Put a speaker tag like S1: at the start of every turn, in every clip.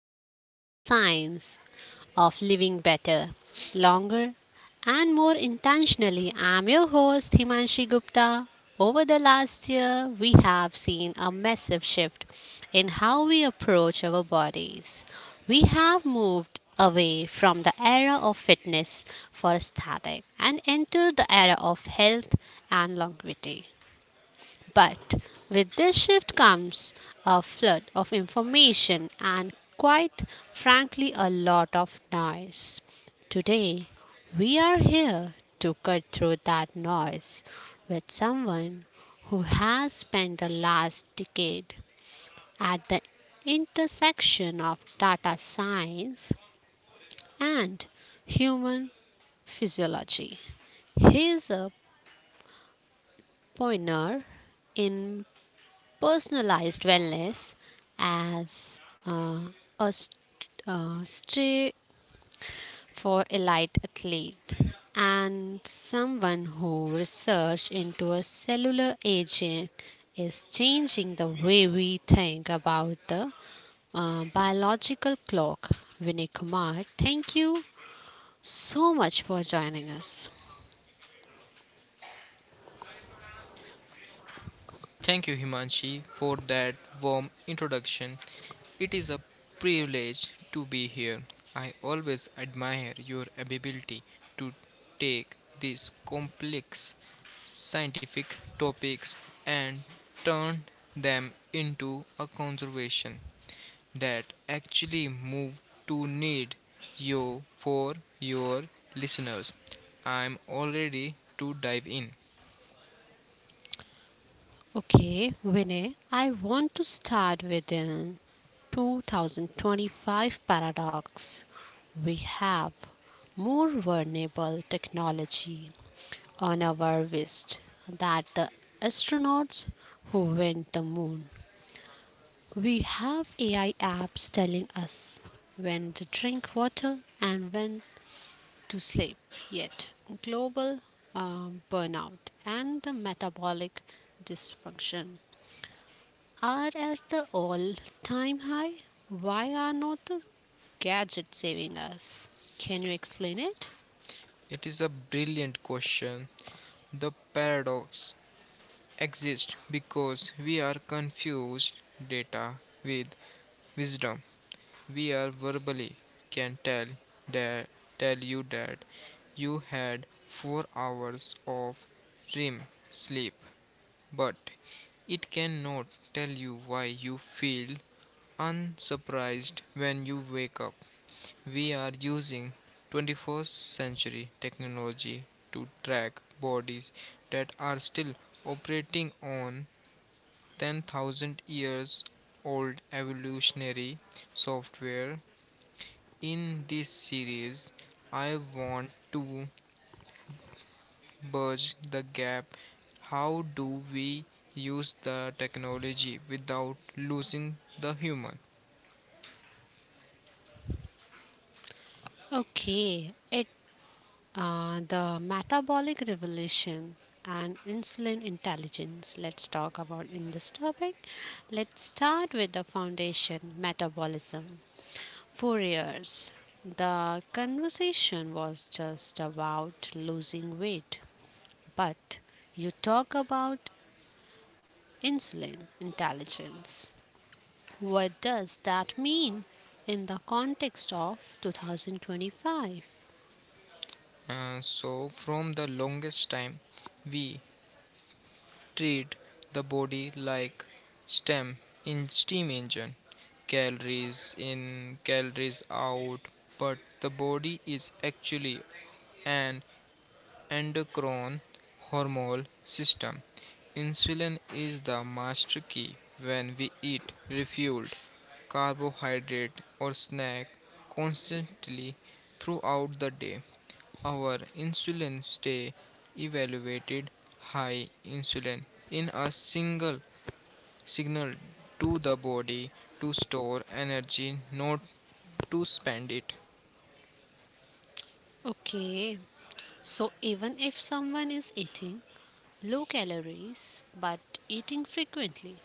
S1: dive into a science of living better, longer, and more intentionally. I'm your host, Himanshi Gupta. Over the last year, we have seen a massive shift in how we approach our bodies. We have moved away from the era of fitness for static and entered the era of health and longevity. But with this shift comes a flood of information and, quite frankly, a lot of noise. Today, we are here to cut through that noise with someone who has spent the last decade at the intersection of data science and human physiology. He is a pioneer in personalized wellness as a st- stray for elite athlete and someone who research into a cellular aging is changing the way we think about the biological clock. Vinay Kumar, thank you so much for joining us.
S2: Thank you, Himanshi, for that warm introduction. It is a privilege to be here. I always admire your ability to take these complex scientific topics and turn them into a conservation that actually move to need you for your listeners. I'm all ready to dive in.
S1: Okay, Vinay, I want to start with an 2025 paradox. We have more vulnerable technology on our wrist than the astronauts who went the moon. We have AI apps telling us when to drink water and when to sleep. Yet, global burnout and the metabolic dysfunction are at the all time high. Why are not the gadgets saving us? Can you explain it?
S2: It is a brilliant question. The paradox exists because we are confused data with wisdom. We are verbally can that tell you that you had 4 hours of REM sleep, but it cannot tell you why you feel unsurprised when you wake up. We are using 21st century technology to track bodies that are still operating on 10,000 years old evolutionary software. In this series, I want to bridge the gap. How do we use the technology without losing the human?
S1: Okay, it the metabolic revolution and insulin intelligence. Let's talk about in this topic. Let's start with the foundation metabolism. For years, the conversation was just about losing weight, but you talk about insulin intelligence. What does that mean in the context of 2025?
S2: So, from the longest time, we treat the body like stem in steam engine, calories in, calories out, but the body is actually an endocrine hormone system. Insulin is the master key. When we eat refueled carbohydrate or snack constantly throughout the day, our insulin stay elevated, high insulin in a single signal to the body to store energy, not to spend it.
S1: Okay, so even if someone is eating low calories but eating frequently,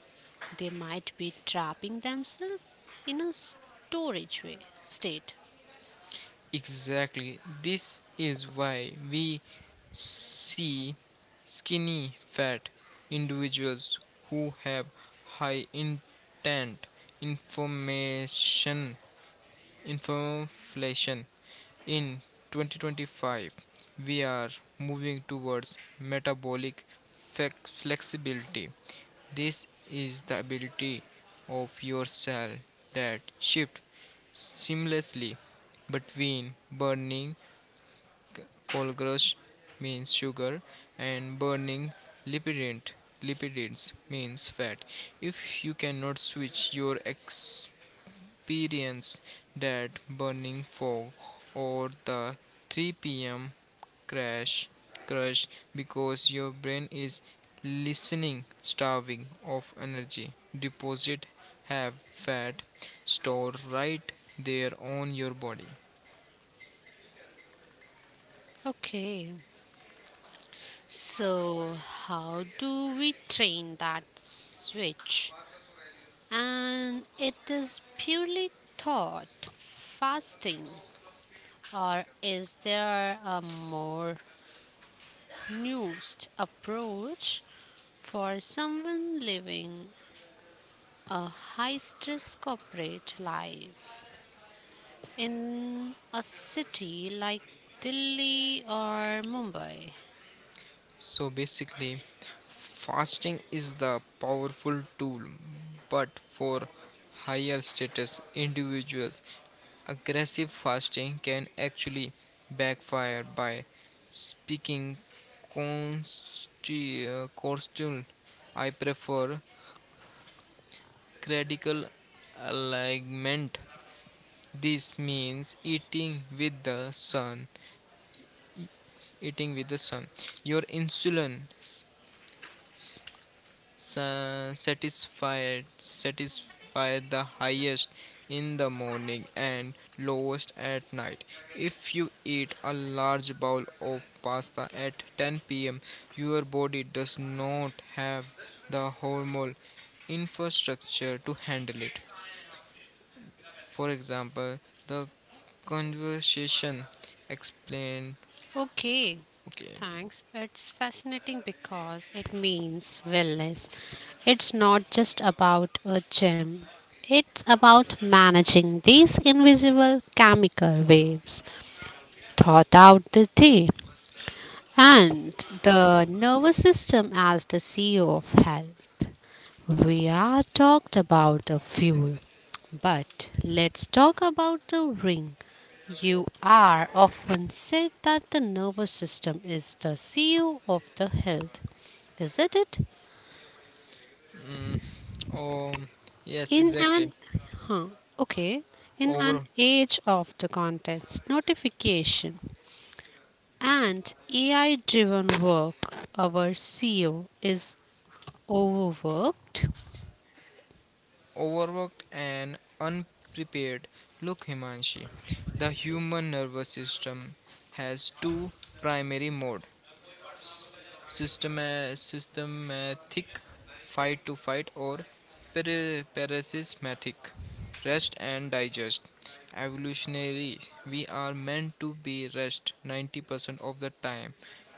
S1: they might be trapping themselves in a storage way, state.
S2: Exactly. This is why we see skinny fat individuals who have high intent information inflation. In 2025, we are moving towards metabolic flexibility. This is the ability of your cell that shift seamlessly between burning Folgrush, means sugar, and burning lipidant lipids, means fat. If you cannot switch your experience, that burning fog, or the 3 p.m. crash crush, because your brain is listening starving of energy deposit, have fat store right there on your body.
S1: Okay, so how do we train that switch? And it is purely thought fasting, or is there a more nuanced approach for someone living a high stress corporate life in a city like Delhi or Mumbai?
S2: So basically, fasting is the powerful tool, but for higher status individuals, aggressive fasting can actually backfire by speaking constant. I prefer critical alignment. This means eating with the sun, e-, eating with the sun. Your insulin sa- satisfied satisfy the highest in the morning and lowest at night. If you eat a large bowl of pasta at 10 p.m., your body does not have the hormone infrastructure to handle it. For example, the conversation explained.
S1: Okay,
S2: Okay.
S1: thanks. It's fascinating because it means wellness. It's not just about a gym, it's about managing these invisible chemical waves throughout the day and the nervous system as the CEO of health. We are talked about the fuel, but let's talk about the ring. You are often said that the nervous system is the CEO of the health, isn't it?
S2: Mm. Oh, yes,
S1: In
S2: exactly.
S1: an huh, okay, in an
S2: over
S1: age of the contents notification and AI-driven work, our CEO is overworked.
S2: Overworked and unprepared. Look, Himanshi, the human nervous system has two primary modes: s- system systematic, fight, or parasismatic, rest and digest. Evolutionary, we are meant to be rest 90% of the time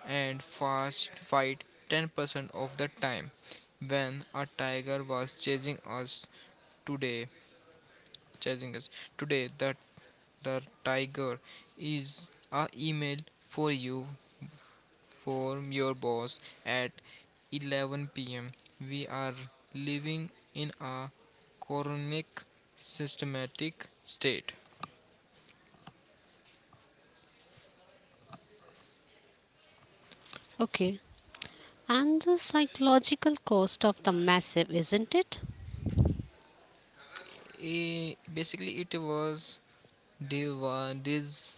S2: and fast fight 10% of the time. When a tiger was chasing us today, chasing us that the tiger is a email for you from your boss at 11 pm. We are living in a chronic systematic state.
S1: Okay, and the psychological cost of the massive, isn't it?
S2: Basically, it was div this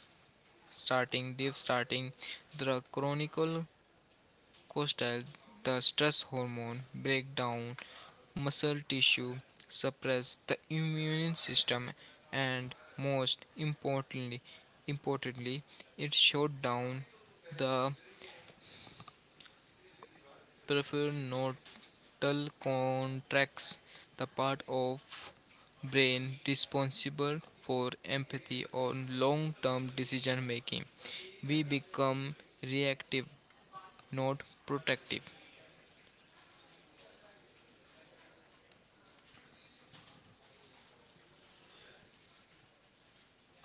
S2: starting div starting the chronicle cortical, the stress hormone, break down muscle tissue, suppress the immune system, and most importantly, it shut down the prefrontal cortex, the part of brain responsible for empathy or long-term decision making. We become reactive, not protective.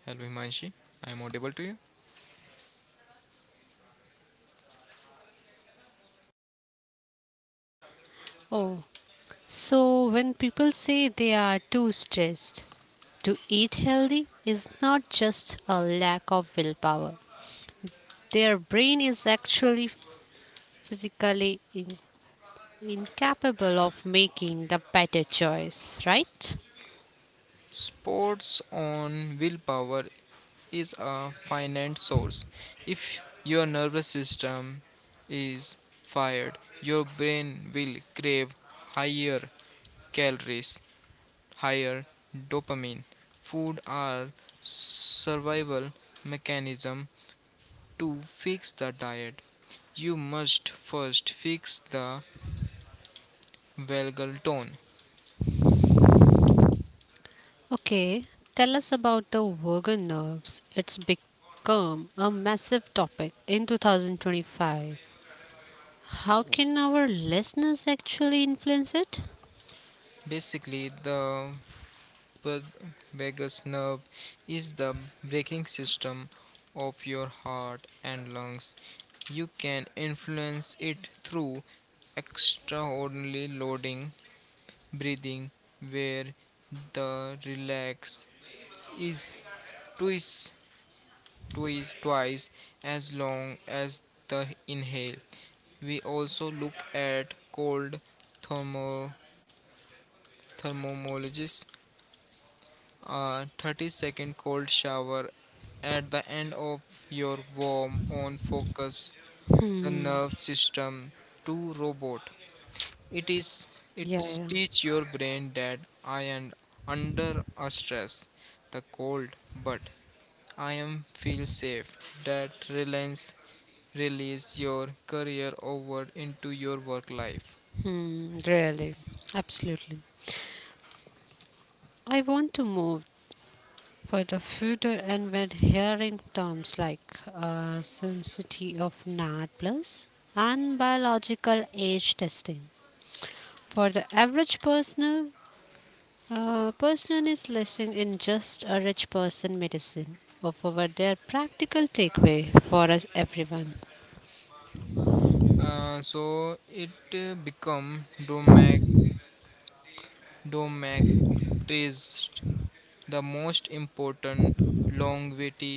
S2: Hello, Himanshi. I am audible to you.
S1: Oh, so when people say they are too stressed, to eat healthy is not just a lack of willpower. Their brain is actually physically incapable of making the better choice, right?
S2: Sports on willpower is a finite source. If your nervous system is fired, your brain will crave higher calories, higher dopamine. Food are survival mechanism to fix the diet. You must first fix the vagal tone.
S1: Okay, tell us about the vagus nerves. It's become a massive topic in 2025. How can our listeners actually influence it?
S2: Basically, the vagus vagus nerve is the braking system of your heart and lungs. You can influence it through extraordinary loading breathing where the relax is twice, twice as long as the inhale. We also look at cold thermo thermologies, a 30-second cold shower at the end of your warm on focus the
S1: Hmm.
S2: nerve system to robot. it is
S1: Yeah,
S2: it
S1: yeah.
S2: teach your brain that I am under a stress, the cold, but I am feel safe, that relents release your career over into your work life.
S1: Hmm. Really. Absolutely. I want to move for the future, and when hearing terms like sensitivity of NAD plus and biological age testing for the average person, person is listening in just a rich person medicine. Over their practical takeaway for us everyone.
S2: So it become domac. The most important longevity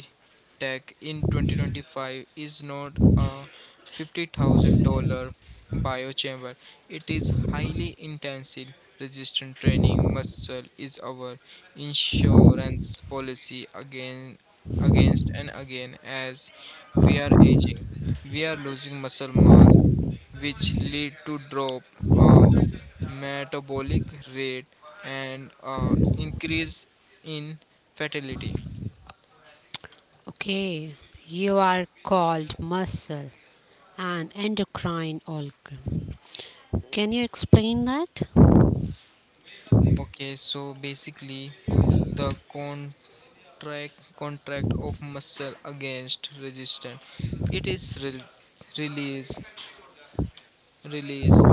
S2: tech in 2025 is not a $50,000 biochamber. It is highly intensive resistant training. Muscle is our insurance policy against, and again as we are aging. We are losing muscle mass, which lead to drop uh, metabolic rate, and increase in fatality.
S1: Okay, you are called muscle and endocrine organ. Can you explain that?
S2: Okay, so basically, the contract of muscle against resistance, it is release release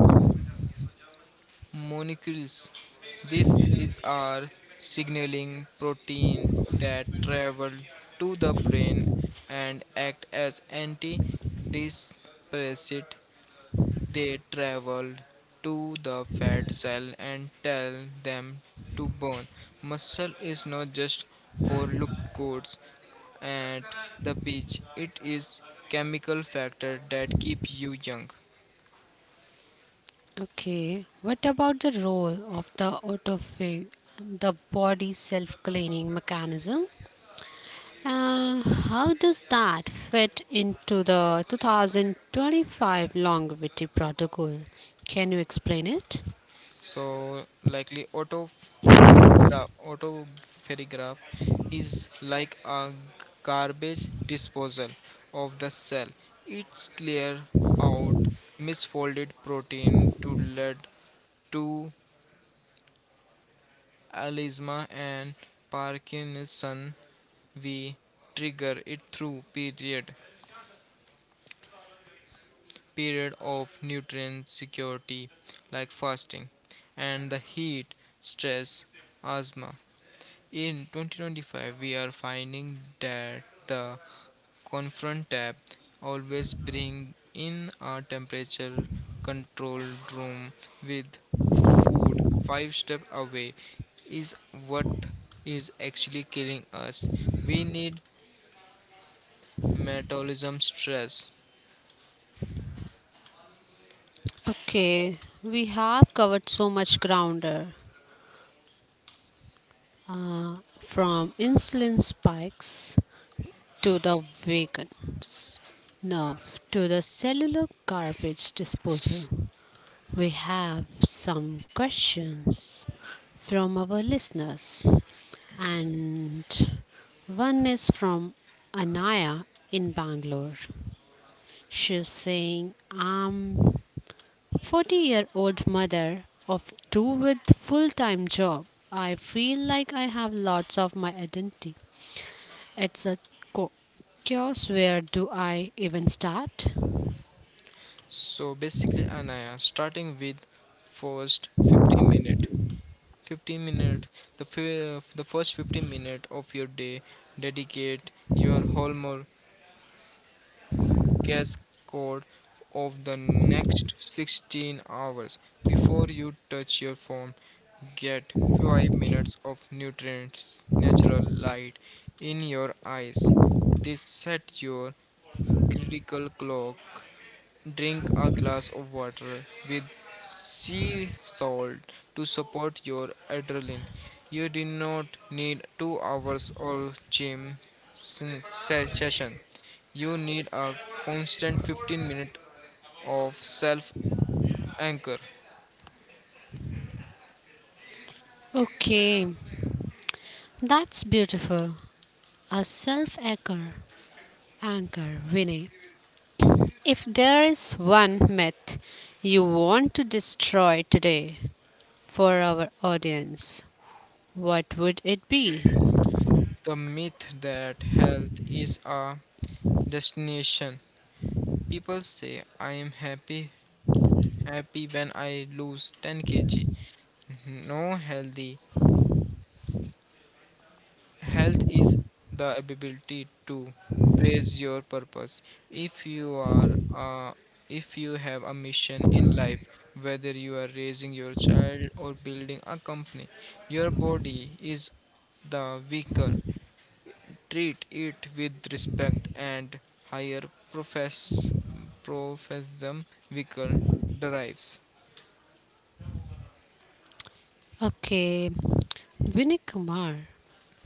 S2: molecules. This is our signaling protein that travel to the brain and act as antidepressant. They travel to the fat cell and tell them to burn. Muscle is not just for look good at the beach. It is chemical factor that keep you young.
S1: Okay, what about the role of the autophagy, the body's self cleaning mechanism? How does that fit into the 2025 longevity protocol? Can you explain it?
S2: So likely auto ferry graph is like a garbage disposal of the cell. It's clear out misfolded protein to lead to alisma and parkinson. We trigger it through period of nutrient security like fasting, and the heat stress asthma. In 2025, we are finding that the Confront tab always bring in a temperature controlled room with food 5 step away is what is actually killing us. We need metabolism stress.
S1: Okay, we have covered so much grounder from insulin spikes to the vegans, now to the cellular garbage disposal. We have some questions from our listeners, and one is from Anaya in Bangalore. She's saying, I'm 40 year old mother of two with full time job. I feel like I have lots of my identity. It's a co- chaos. Where do I even start?
S2: So basically, Anaya, starting with first 15 minute 15 minute the fi- the first 15 minute of your day, dedicate your hormone guess code of the next 16 hours. Before you touch your phone, get 5 minutes of nutrients, natural light in your eyes. This set your critical clock. Drink a glass of water with sea salt to support your adrenaline. You do not need 2 hours or gym session. You need a constant 15 minutes of self anchor.
S1: Okay, that's beautiful. A self anchor, anchor, Vinay. If there is one myth you want to destroy today for our audience, what would it be?
S2: The myth that health is a destination. People say I am happy when I lose 10 kg. No. Health is the ability to praise your purpose. If you are uh, if you have a mission in life, whether you are raising your child or building a company, your body is the vehicle. Treat it with respect and higher profess professum vehicle derives.
S1: Okay, Vinay Kumar,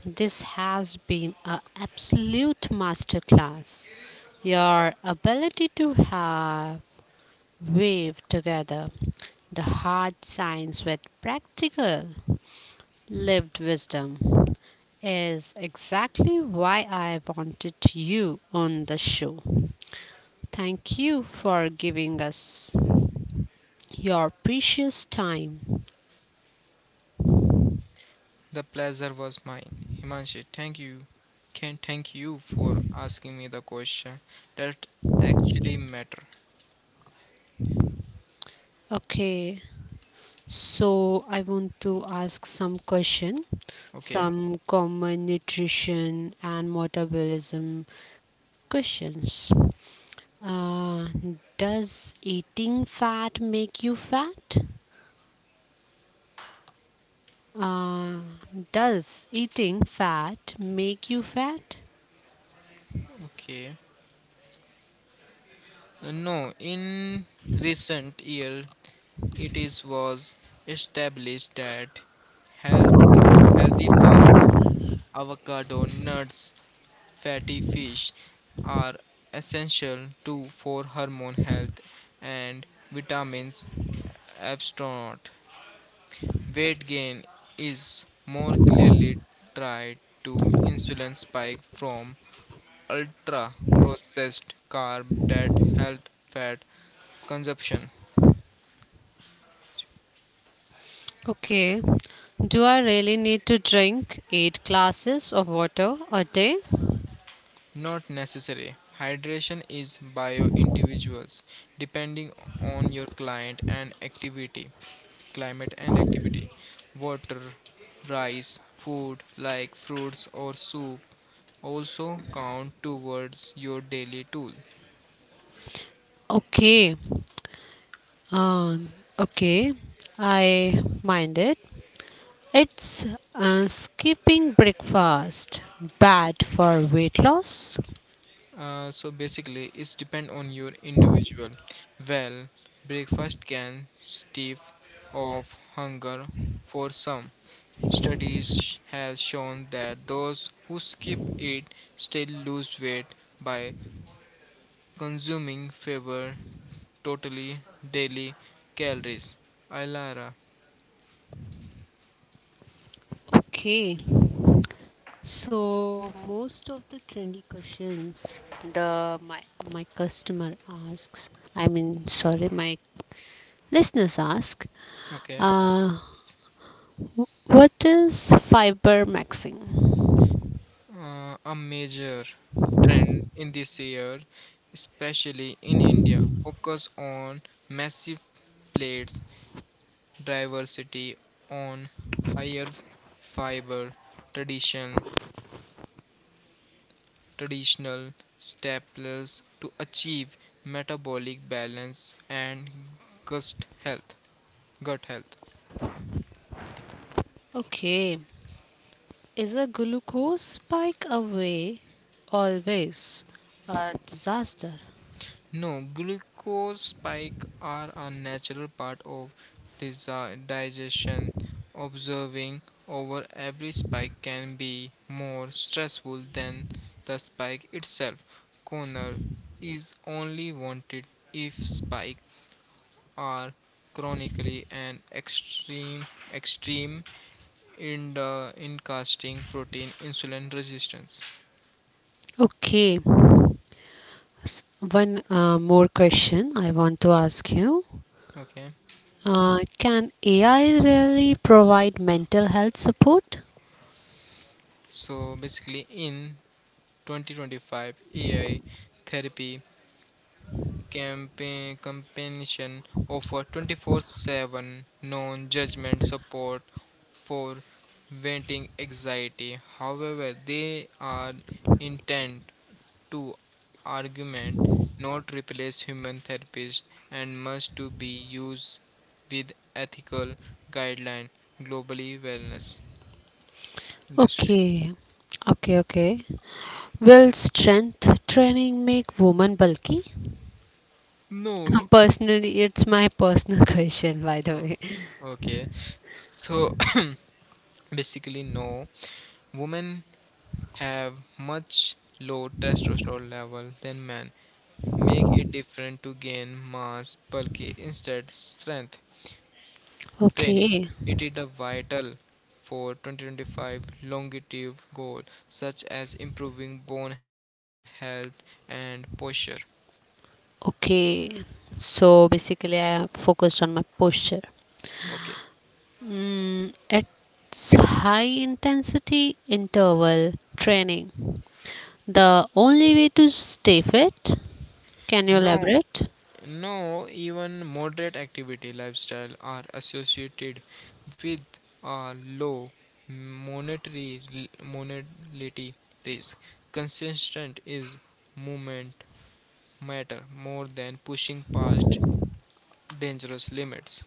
S1: this has been an absolute masterclass. Your ability to have weave together the hard science with practical lived wisdom is exactly why I wanted you on the show. Thank you for giving us your precious time.
S2: The pleasure was mine. Himanshi, thank you. Can thank you for asking me the question that actually matter.
S1: Okay, so I want to ask some question,
S2: Okay.
S1: some common nutrition and metabolism questions. Uh, does eating fat make you fat? Uh, does eating fat make you fat?
S2: Okay. No, in recent year it is was established that health healthy fasting, avocado, nuts, fatty fish are essential to for hormone health and vitamins abstinent. Weight gain is more clearly tied to insulin spike from ultra processed carb that help fat consumption.
S1: Okay. Do I really need to drink eight glasses of water a day?
S2: Not necessary. Hydration is bio individuals depending on your client and activity climate and activity. Water rice food like fruits or soup also count towards your daily tool.
S1: Okay. Uh, okay. I mind it. It's skipping breakfast bad for weight loss?
S2: So basically, it's depend on your individual. Well, breakfast can stave off hunger for some. Studies has shown that those who skip it still lose weight by consuming fewer totally daily calories. Ilara,
S1: Okay. So most of the trendy questions the my my customer asks, I mean sorry, my listeners ask,
S2: okay,
S1: uh, what is fiber maxing?
S2: a major trend in this year, especially in India, focus on massive plates diversity on higher fiber tradition traditional staples to achieve metabolic balance and gut health gut health.
S1: Okay, is a glucose spike away always a disaster?
S2: No glucose spike are a natural part of digestion. Observing over every spike can be more stressful than the spike itself. Corner is only wanted if spike are chronically and extreme in casting protein insulin resistance.
S1: Okay, one more question I want to ask you.
S2: Okay,
S1: Can AI really provide mental health support?
S2: so basically, in 2025, AI therapy campaign companion offer 24/7 non-judgment support for venting anxiety. However, they are intent to argument, not replace human therapists, and must to be used with ethical guideline globally wellness industry.
S1: Okay. Okay, okay. Will strength training make women bulky?
S2: No.
S1: Personally, it's my personal question, by the
S2: Oh,
S1: way.
S2: okay, so basically, no, women have much low testosterone level than men, make it different to gain mass bulky instead strength training.
S1: Okay.
S2: It is a vital for 2025 longevity goal such as improving bone health and posture.
S1: Okay. So basically, I focused on my posture.
S2: Okay.
S1: Mm, at high intensity interval training, the only way to stay fit, can you
S2: No,
S1: elaborate?
S2: no, even moderate activity lifestyle are associated with a low monetary mortality risk. Consistent is movement matter more than pushing past dangerous limits.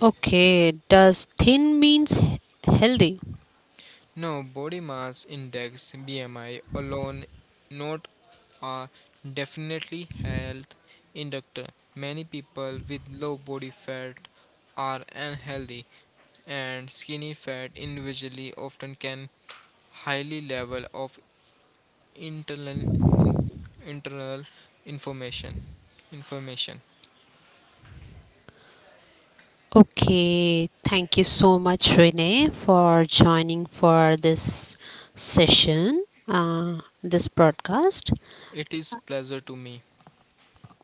S1: Okay. Does thin means healthy?
S2: No, body mass index BMI alone not a definitely health inductor. Many people with low body fat are unhealthy, and skinny fat individually often can highly level of internal in, internal information information.
S1: Okay, thank you so much, Renee, for joining for this session, this broadcast.
S2: It is pleasure to me.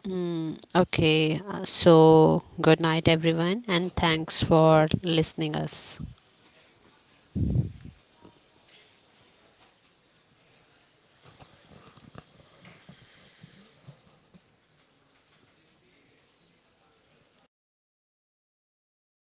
S1: Mm, okay, so good night, everyone, and thanks for listening us.